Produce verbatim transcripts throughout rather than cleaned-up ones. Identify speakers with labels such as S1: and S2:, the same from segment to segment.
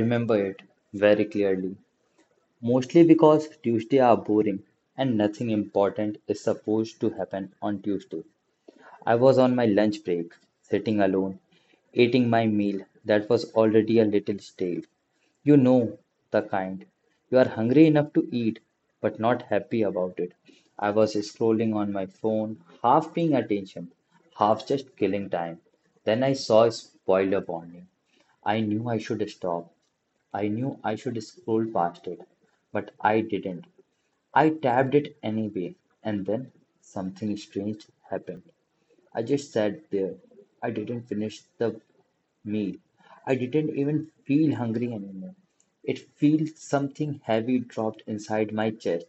S1: remember it very clearly, mostly because Tuesdays are boring and nothing important is supposed to happen on Tuesday. I was on my lunch break, sitting alone, eating my meal that was already a little stale. You know the kind. You are hungry enough to eat, but not happy about it. I was scrolling on my phone, half paying attention, half just killing time. Then I saw a spoiler warning. I knew I should stop. I knew I should scroll past it, but I didn't. I tapped it anyway, and then something strange happened. I just sat there. I didn't finish the meal. I didn't even feel hungry anymore. It felt something heavy dropped inside my chest,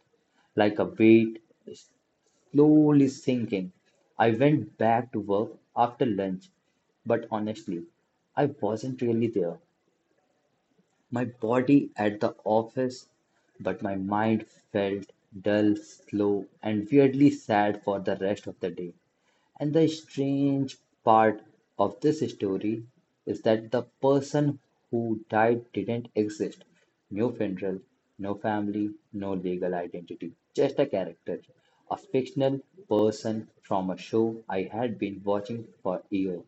S1: like a weight slowly sinking. I went back to work after lunch, but honestly, I wasn't really there. My body at the office, but my mind felt dull, slow, and weirdly sad for the rest of the day. And the strange part of this story is that the person who died didn't exist. No funeral, no family, no legal identity. Just a character. A fictional person from a show I had been watching for years.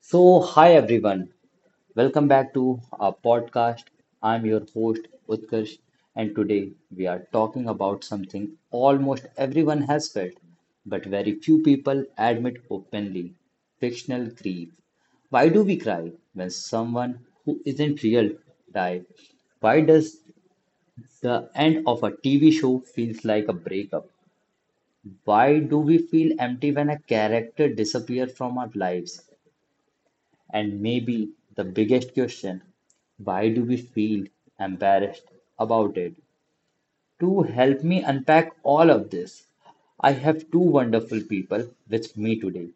S1: So, hi everyone. Welcome back to our podcast. I'm your host Utkarsh, and today we are talking about something almost everyone has felt, but very few people admit openly: fictional grief. Why do we cry when someone who isn't real dies? Why does the end of a T V show feels like a breakup? Why do we feel empty when a character disappears from our lives? And maybe the biggest question: why do we feel embarrassed about it? To help me unpack all of this, I have two wonderful people with me today.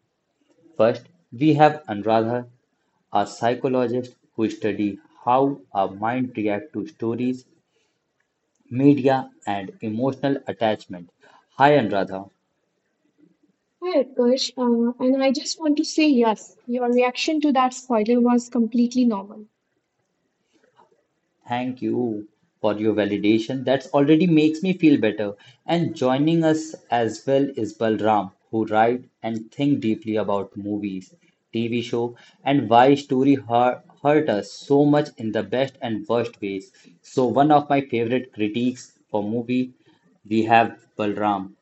S1: First, we have Anuradha, a psychologist who studies how our mind reacts to stories, media, and emotional attachment. Hi, Anuradha.
S2: Hi, Utkarsh. Uh, and I just want to say yes, your reaction to that spoiler was completely normal.
S1: Thank you for your validation. That already makes me feel better. And joining us as well is Balram, who write and think deeply about movies, T V show, and why story hurt, hurt us so much in the best and worst ways. So one of my favorite critiques for movie we have Balram.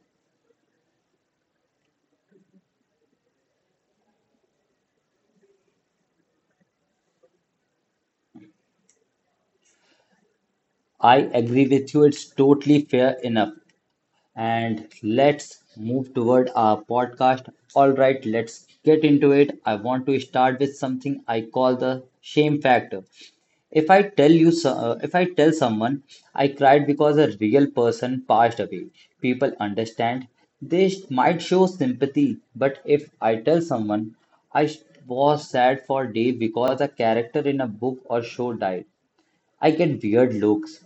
S1: I agree with you. It's totally fair enough. And let's move toward our podcast. All right, let's get into it. I want to start with something I call the shame factor. If I tell you, so- uh, if I tell someone I cried because a real person passed away, people understand. They sh- might show sympathy, but if I tell someone I sh- was sad for a day because a character in a book or show died, I get weird looks.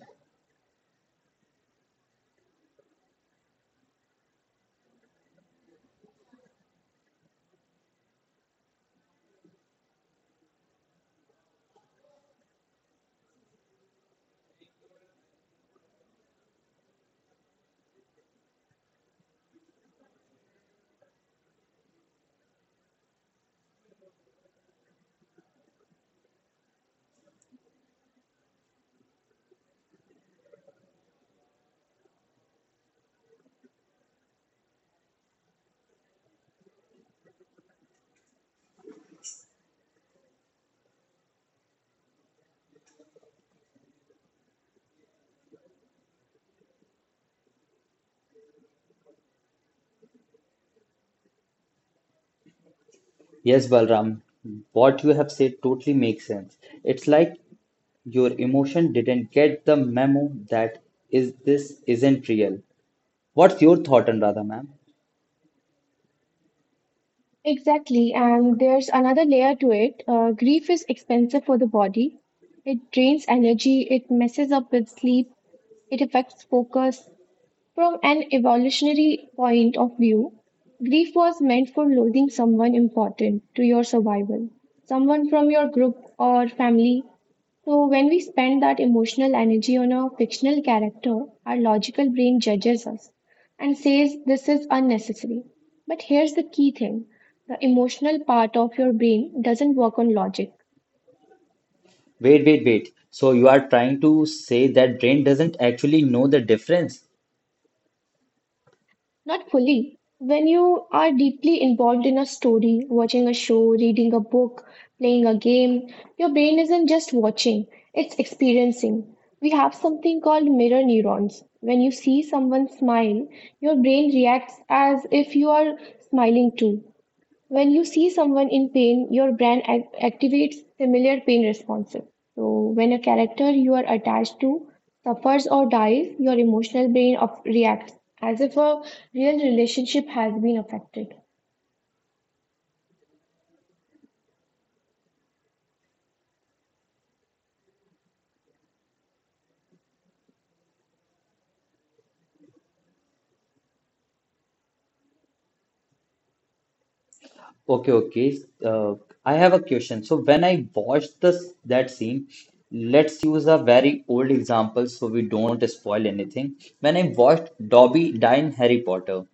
S1: Yes, Balram, what you have said totally makes sense. It's like your emotion didn't get the memo that is this isn't real. What's your thought on ma'am?
S2: Exactly. And there's another layer to it. Uh, grief is expensive for the body. It drains energy, it messes up with sleep, it affects focus. From an evolutionary point of view, grief was meant for losing someone important to your survival, someone from your group or family. So, when we spend that emotional energy on a fictional character, our logical brain judges us and says this is unnecessary. But here's the key thing: the emotional part of your brain doesn't work on logic.
S1: Wait, wait, wait. So you are trying to say that brain doesn't actually know the difference?
S2: Not fully. When you are deeply involved in a story, watching a show, reading a book, playing a game, your brain isn't just watching, it's experiencing. We have something called mirror neurons. When you see someone smile, your brain reacts as if you are smiling too. When you see someone in pain, your brain ac- activates similar pain responses. So, when a character you are attached to suffers or dies, your emotional brain of reacts as if a real relationship has been affected.
S1: Okay, okay. Uh, I have a question. So when I watched this that scene, let's use a very old example so we don't spoil anything. When I watched Dobby die in Harry Potter,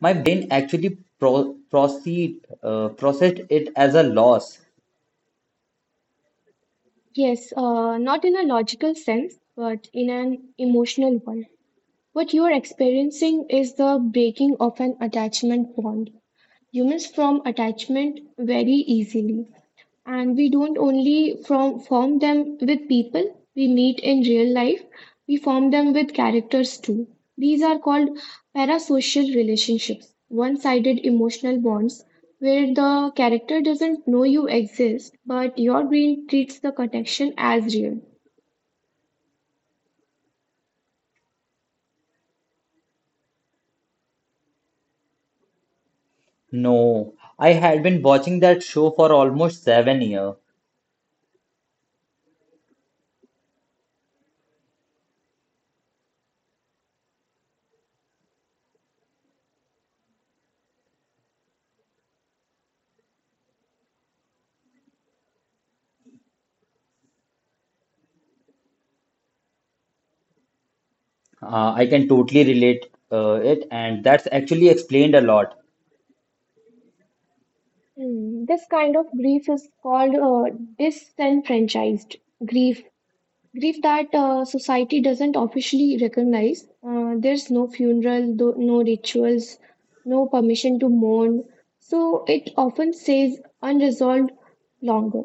S1: my brain actually pro- proceed, uh, processed it as a loss.
S2: Yes, uh, not in a logical sense, but in an emotional one. What you are experiencing is the breaking of an attachment bond. Humans form attachment very easily. And we don't only from form them with people we meet in real life, we form them with characters too. These are called parasocial relationships, one-sided emotional bonds where the character doesn't know you exist, but your brain treats the connection as real.
S1: No, I had been watching that show for almost seven years. Uh, I can totally relate uh, it, and that's actually explained a lot.
S2: Hmm. This kind of grief is called uh, disenfranchised grief, grief that uh, society doesn't officially recognize. Uh, there's no funeral, tho- no rituals, no permission to mourn. So it often stays unresolved longer.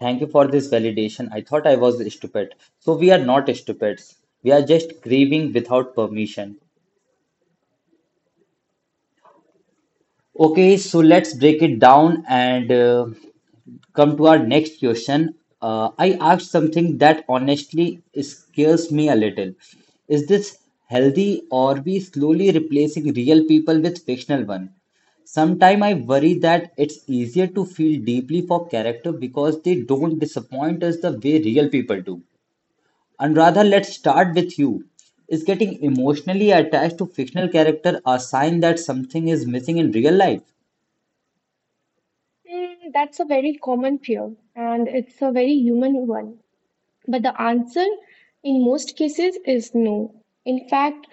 S1: Thank you for this validation. I thought I was stupid. So we are not stupids. We are just grieving without permission. Okay, so let's break it down and uh, come to our next question. Uh, I asked something that honestly scares me a little. Is this healthy or we slowly replacing real people with fictional one? Sometimes I worry that it's easier to feel deeply for character because they don't disappoint us the way real people do. And rather, let's start with you. Is getting emotionally attached to fictional character a sign that something is missing in real life?
S2: Mm, that's a very common fear, and it's a very human one. But the answer in most cases is no. In fact,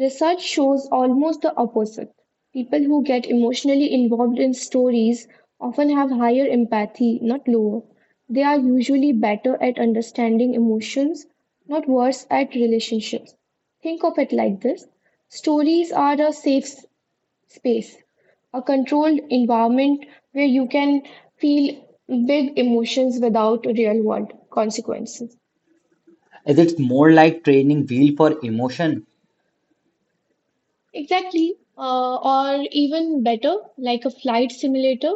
S2: research shows almost the opposite. People who get emotionally involved in stories often have higher empathy, not lower. They are usually better at understanding emotions, not worse at relationships. Think of it like this: stories are a safe s- space, a controlled environment where you can feel big emotions without real world consequences.
S1: Is it more like training wheel for emotion?
S2: Exactly. Uh, or even better, like a flight simulator.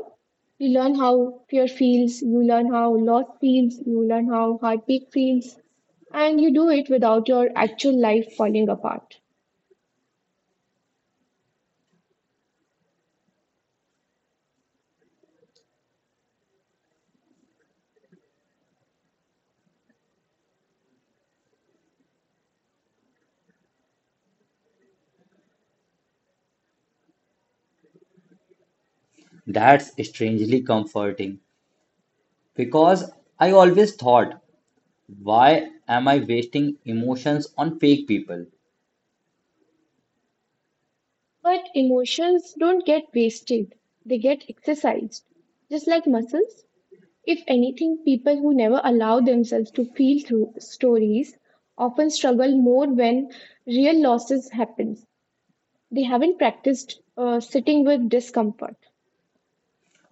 S2: You learn how fear feels, you learn how loss feels, you learn how heartbeat feels, and you do it without your actual life falling apart.
S1: That's strangely comforting because I always thought, why am I wasting emotions on fake people?
S2: But emotions don't get wasted, they get exercised. Just like muscles, if anything, people who never allow themselves to feel through stories often struggle more when real losses happen. They haven't practiced uh, sitting with discomfort.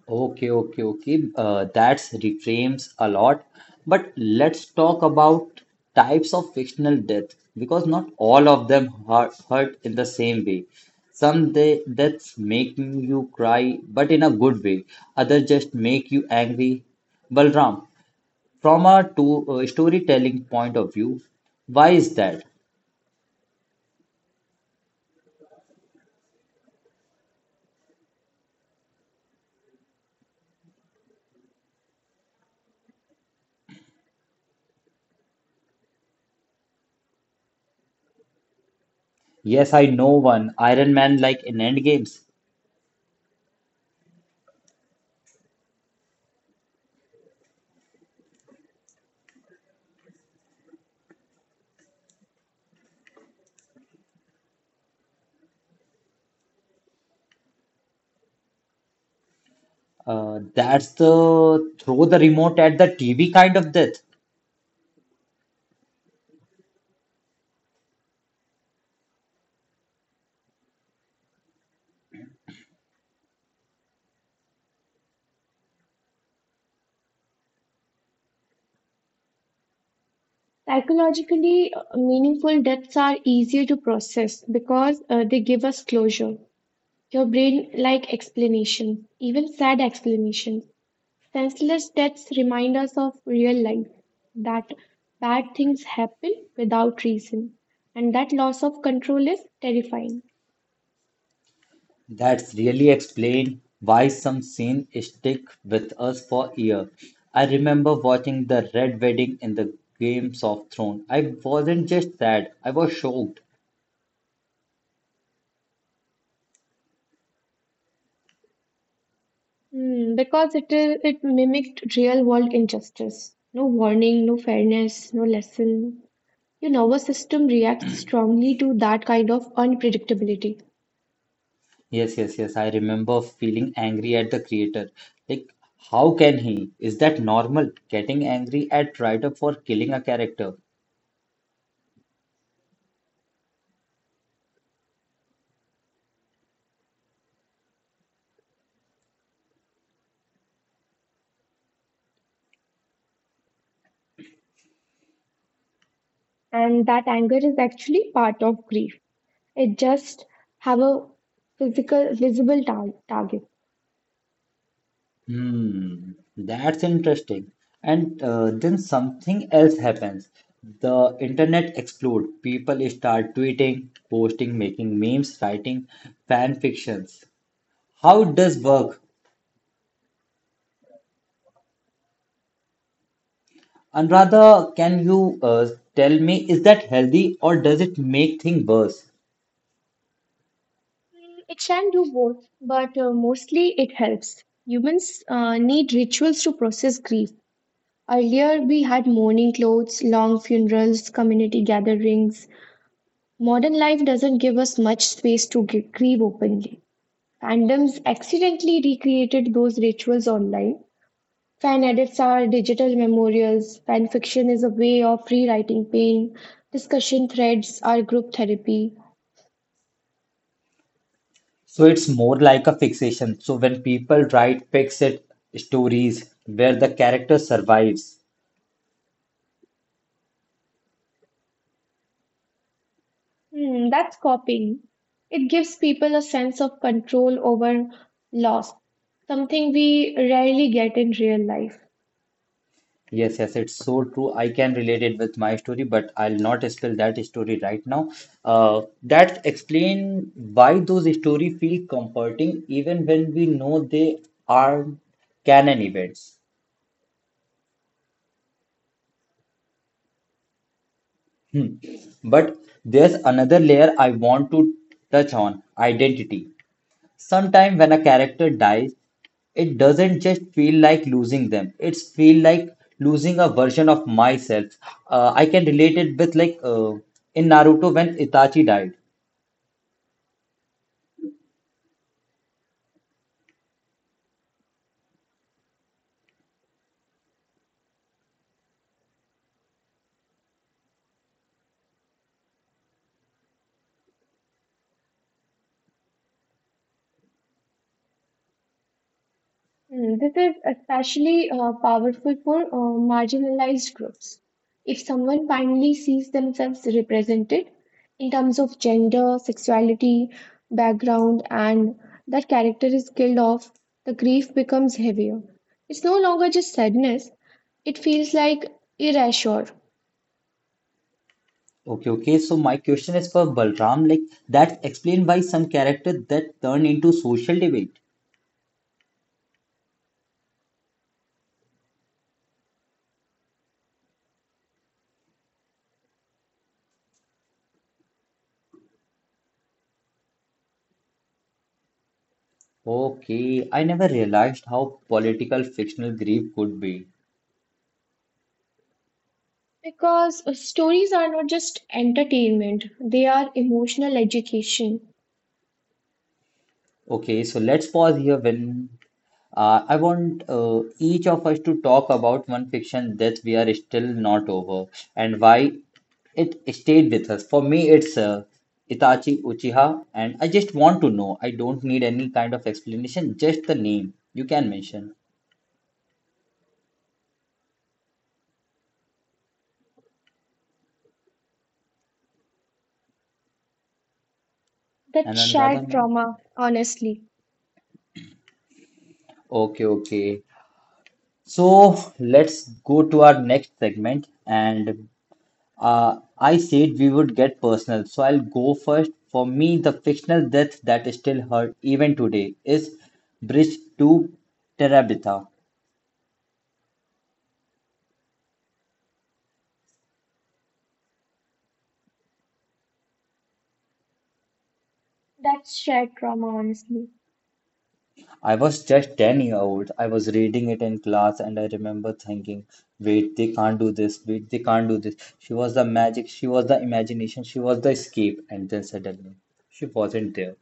S1: Okay, okay, okay. Uh, that's reframes a lot. But let's talk about types of fictional death because not all of them hurt, hurt in the same way. Some de- deaths make you cry, but in a good way. Others just make you angry. Balram, From a to a storytelling point of view, why is that? Yes, I know one Iron Man like in Endgames. Uh, that's the throw the remote at the T V kind of death.
S2: Psychologically, uh, meaningful deaths are easier to process because uh, they give us closure. Your brain like explanations, even sad explanations. Senseless deaths remind us of real life, that bad things happen without reason, and that loss of control is terrifying.
S1: That's really explain why some scenes stick with us for year. I remember watching the Red Wedding in the Games of Thrones. I wasn't just sad; I was shocked.
S2: Hmm, because it is it mimicked real world injustice. No warning, no fairness, no lesson. Your nervous system reacts strongly to that kind of unpredictability,
S1: Yes, yes, yes. I remember feeling angry at the creator. Like, how can he? Is that normal? Getting angry at writer for killing a character?
S2: and that anger is actually part of grief, it just have a physical visible tar- target
S1: Hmm, that's interesting. And uh, then something else happens. The internet explodes. People start tweeting, posting, making memes, writing fan fictions. How it does work? Anuradha, can you uh, tell me, is that healthy or does it make things worse?
S2: Mm, it can do both but uh, mostly it helps. Humans uh, need rituals to process grief. Earlier we had mourning clothes, long funerals, community gatherings. Modern life doesn't give us much space to gr- grieve openly. Fandoms accidentally recreated those rituals online. Fan edits are digital memorials. Fan fiction is a way of rewriting pain. Discussion threads are group therapy.
S1: So it's more like a fixation. So when people write fixed stories where the character survives,
S2: Hmm, that's copying. It gives people a sense of control over loss, something we rarely get in real life.
S1: yes, yes, it's so true. I can relate it with my story, but I'll not spill that story right now. Uh, that explain why those stories feel comforting even when we know they are canon events. Hmm. But there's another layer I want to touch on, identity. Sometimes when a character dies, it doesn't just feel like losing them. It's feel like losing a version of myself. Uh, I can relate it with like uh, in Naruto when Itachi died.
S2: Mm, this is especially uh, powerful for uh, marginalized groups. If someone finally sees themselves represented in terms of gender, sexuality, background, and that character is killed off, the grief becomes heavier. It's no longer just sadness, it feels like erasure.
S1: Okay, okay. So my question is for Balram. Like that's explained why some character that turn into social debate. Okay, I never realized how political fictional grief could be.
S2: Because uh, stories are not just entertainment, they are emotional education.
S1: Okay, so let's pause here when uh, I want uh, each of us to talk about one fiction that we are still not over and why it stayed with us. For me, it's uh, Itachi Uchiha, and I just want to know. I don't need any kind of explanation, just the name. You can mention.
S2: That
S1: And Anuradha,
S2: shared
S1: ma'am.
S2: trauma, honestly.
S1: Okay, okay. So let's go to our next segment. And Uh, I said we would get personal, so I'll go first. For me, the fictional death that still hurt even today is Bridge to Terabitha.
S2: That's shared trauma, honestly.
S1: I was just ten year old. I was reading it in class and I remember thinking, wait, they can't do this. Wait, they can't do this. She was the magic. She was the imagination. She was the escape. And then suddenly, she wasn't there.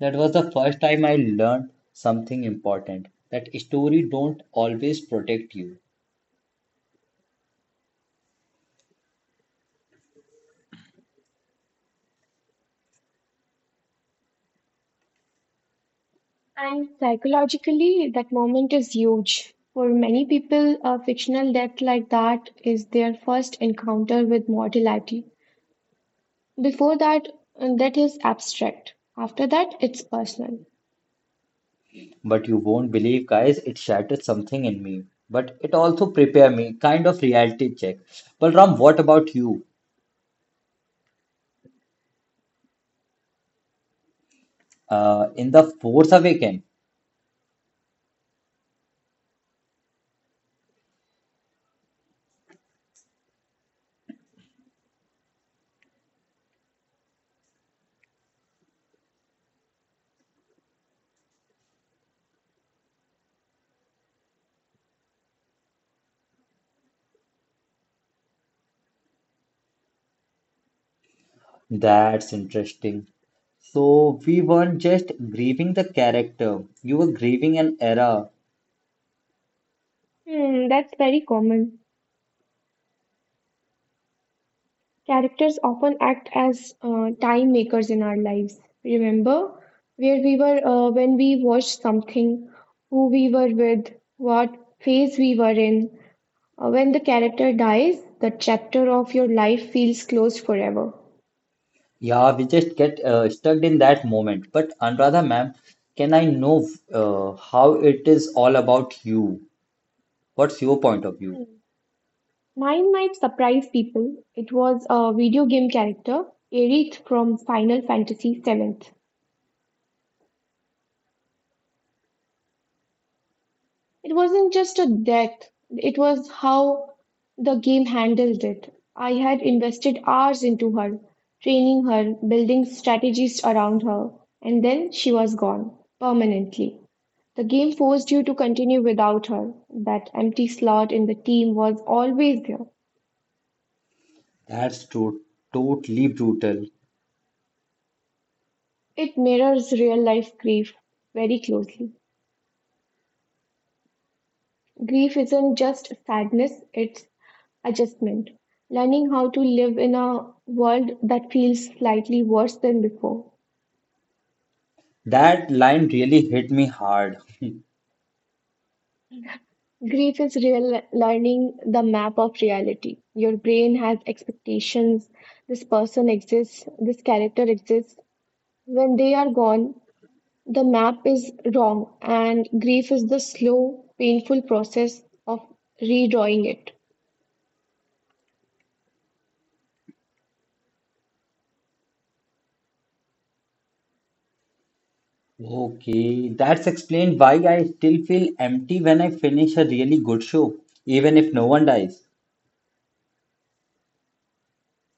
S1: That was the first time I learned something important. That story don't always protect you.
S2: And psychologically, that moment is huge. For many people, a fictional death like that is their first encounter with mortality. Before that, uh, that is abstract. After that, it's personal.
S1: But you won't believe, guys, it shattered something in me. But it also prepared me, kind of reality check. Well, Ram, what about you? Uh, in the Force Awakens? That's interesting. So we weren't just grieving the character, you were grieving an era.
S2: Hmm, that's very common. Characters often act as uh, time makers in our lives. Remember where we were uh, when we watched something, who we were with, what phase we were in. Uh, when the character dies, the chapter of your life feels closed forever.
S1: Yeah, we just get uh, stuck in that moment. But Anuradha, ma'am, can I know uh, how it is all about you? What's your point of view?
S2: Hmm. Mine might surprise people. It was a video game character, Aerith from Final Fantasy seven. It wasn't just a death, it was how the game handled it. I had invested hours into her, training her, building strategies around her, and then she was gone permanently. The game forced you to continue without her. That empty slot in the team was always there.
S1: That's true. Totally brutal.
S2: It mirrors real life grief very closely. Grief isn't just sadness, it's adjustment. Learning how to live in a world that feels slightly worse than before.
S1: That line really hit me hard.
S2: Grief is real learning the map of reality. Your brain has expectations. This person exists, this character exists. When they are gone, the map is wrong, and grief is the slow, painful process of redrawing it.
S1: Okay, that's explained why I still feel empty when I finish a really good show, even if no one dies.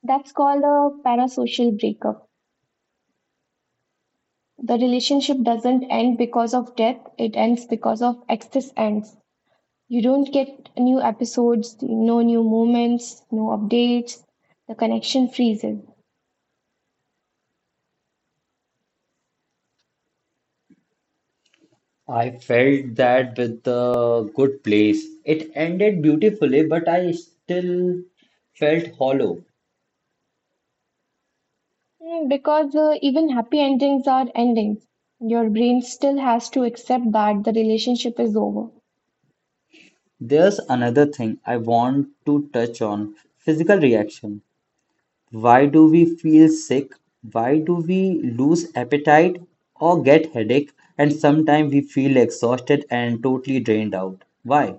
S2: That's called a parasocial breakup. The relationship doesn't end because of death, it ends because of access ends. You don't get new episodes, no new moments, no updates. The connection freezes.
S1: I felt that with the good place. It ended beautifully, but I still felt hollow.
S2: Mm, because uh, even happy endings are endings. Your brain still has to accept that the relationship is over.
S1: There's another thing I want to touch on, physical reaction. Why do we feel sick? Why do we lose appetite or get headache? And sometimes we feel exhausted and totally drained out. Why?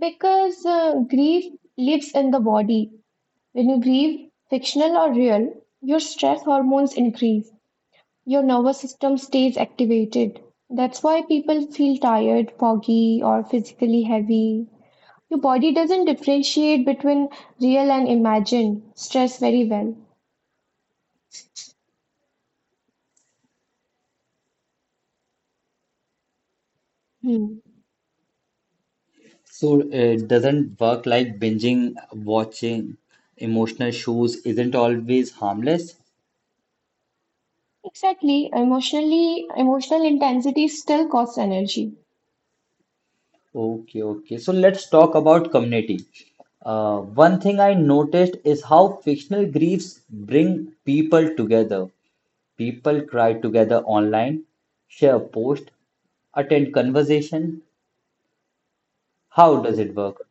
S2: Because uh, grief lives in the body. When you grieve, fictional or real, your stress hormones increase. Your nervous system stays activated. That's why people feel tired, foggy, or physically heavy. Your body doesn't differentiate between real and imagined stress very well. Hmm.
S1: So it doesn't work like binging, watching emotional shows isn't always harmless.
S2: Exactly. Emotionally, emotional intensity still costs energy.
S1: Okay, okay. So let's talk about community. Uh, one thing I noticed is how fictional griefs bring people together. People cry together online, share posts, attend conversation. How does it work?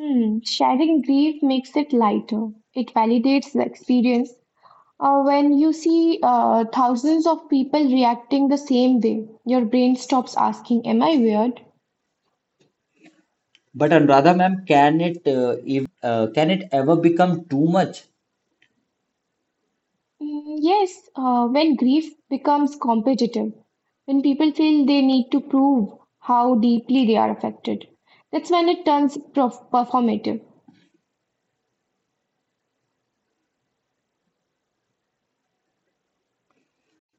S2: Hmm. Sharing grief makes it lighter. It validates the experience. Uh, when you see uh, thousands of people reacting the same way, your brain stops asking, am I weird?
S1: But Anuradha ma'am, can it uh, if uh, can it ever become too much?
S2: Mm, yes, uh, when grief becomes competitive, when people feel they need to prove how deeply they are affected, that's when it turns prof- performative.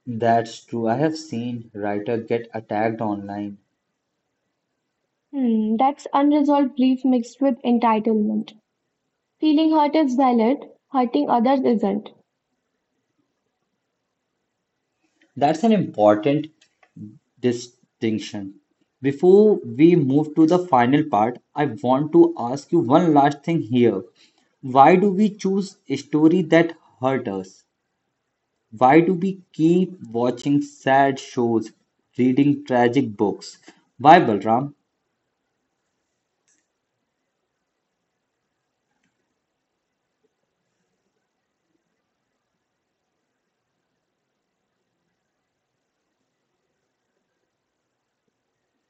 S1: That's true. I have seen writer get attacked online.
S2: Hmm, that's unresolved grief mixed with entitlement. Feeling hurt is valid, hurting others isn't.
S1: That's an important distinction. Before we move to the final part, I want to ask you one last thing here. Why do we choose a story that hurt us? Why do we keep watching sad shows, reading tragic books? Why, Balram?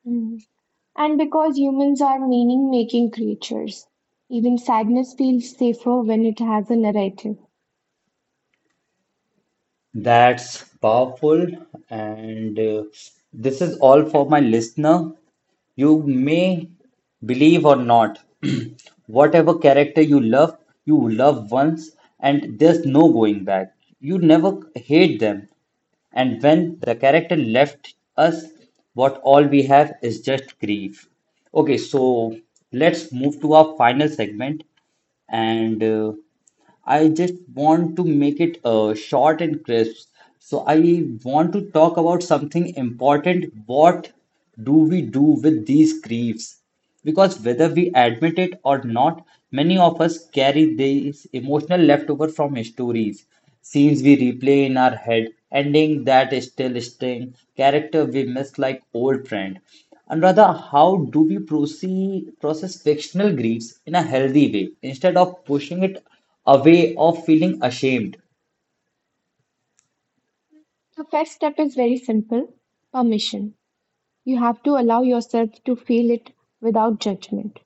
S2: Mm. And because humans are meaning making creatures, even sadness feels safer when it has a narrative.
S1: That's powerful, and uh, this is all for my listener. You may believe or not, whatever character you love, you love once, and there's no going back. You never hate them. And when the character left us, what all we have is just grief. Okay, so let's move to our final segment. And uh, I just want to make it uh, short and crisp. So I want to talk about something important. What do we do with these griefs? Because whether we admit it or not, many of us carry these emotional leftover from stories, scenes we replay in our head, ending that still sting, character we miss like old friend. And rather, how do we proceed, process fictional griefs in a healthy way instead of pushing it away or feeling ashamed?
S2: The first step is very simple: permission. You have to allow yourself to feel it without judgment.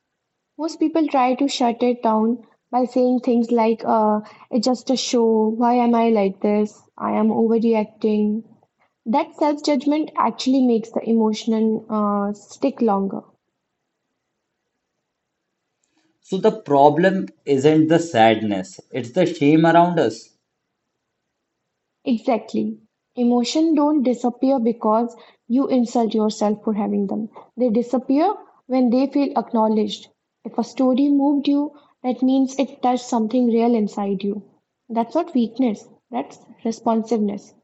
S2: Most people try to shut it down by saying things like, uh, it's just a show. Why am I like this? I am overreacting. That self-judgment actually makes the emotion uh, stick longer.
S1: So the problem isn't the sadness; it's the shame around us.
S2: Exactly. Emotion don't disappear because you insult yourself for having them. They disappear when they feel acknowledged. If a story moved you, that means it touched something real inside you. That's not weakness, that's responsiveness.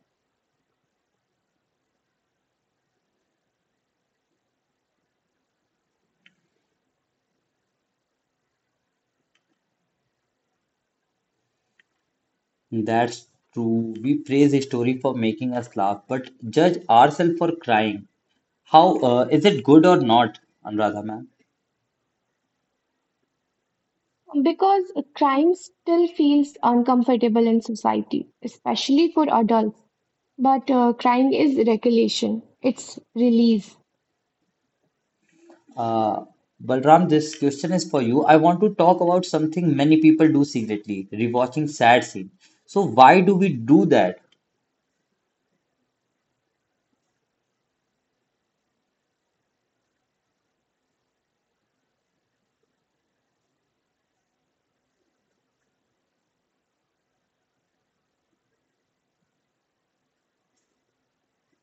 S1: That's true. We praise a story for making us laugh, but judge ourselves for crying. How uh, Is it good or not, Anuradha ma'am?
S2: Because crime still feels uncomfortable in society, especially for adults. But uh, crying is regulation, it's release.
S1: Uh, Balram, this question is for you. I want to talk about something many people do secretly, rewatching sad scene. So why do we do that?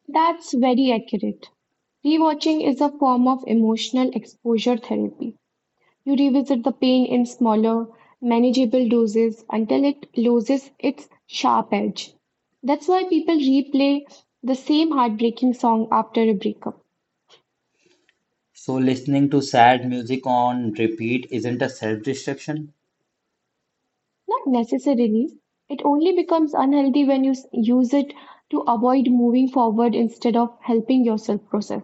S2: That's very accurate. Rewatching is a form of emotional exposure therapy. You revisit the pain in smaller, manageable doses until it loses its sharp edge. That's why people replay the same heartbreaking song after a breakup.
S1: So listening to sad music on repeat isn't a self-destruction?
S2: Not necessarily. It only becomes unhealthy when you s- use it to avoid moving forward instead of helping yourself process.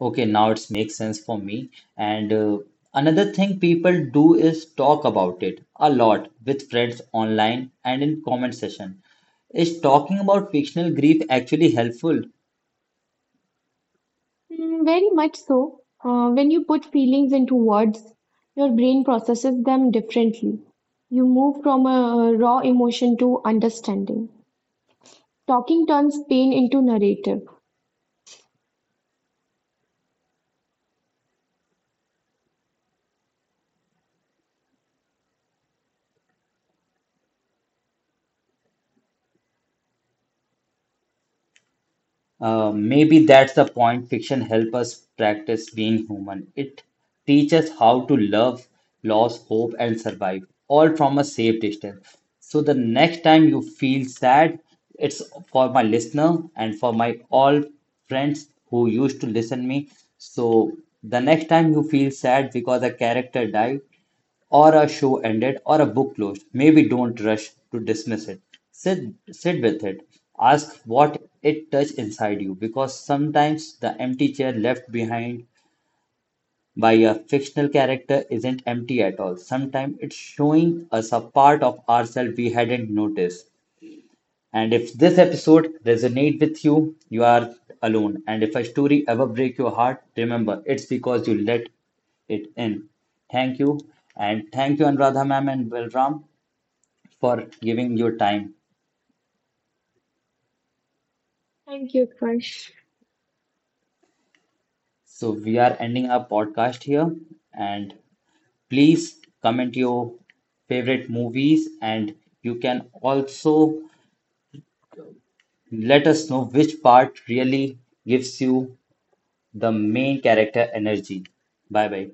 S1: Okay, now it's makes sense for me. And uh, another thing people do is talk about it a lot with friends online and in comment session. Is talking about fictional grief actually helpful?
S2: Mm, very much so. Uh, when you put feelings into words, your brain processes them differently. You move from a raw emotion to understanding. Talking turns pain into narrative.
S1: Uh, maybe that's the point. Fiction helps us practice being human. It teaches how to love, loss, hope, and survive, all from a safe distance. So the next time you feel sad, it's for my listener and for my all friends who used to listen me. So the next time you feel sad because a character died, or a show ended or a book closed, maybe don't rush to dismiss it. Sit, sit with it. Ask what it touched inside you because sometimes the empty chair left behind by a fictional character isn't empty at all. Sometimes it's showing us a part of ourselves we hadn't noticed. And if this episode resonates with you, you are alone. And if a story ever breaks your heart, remember it's because you let it in. Thank you. And thank you, Anuradha ma'am and Balram, for giving your time.
S2: Thank you, Krish.
S1: So we are ending our podcast here. And please comment your favorite movies. And you can also let us know which part really gives you the main character energy. Bye bye.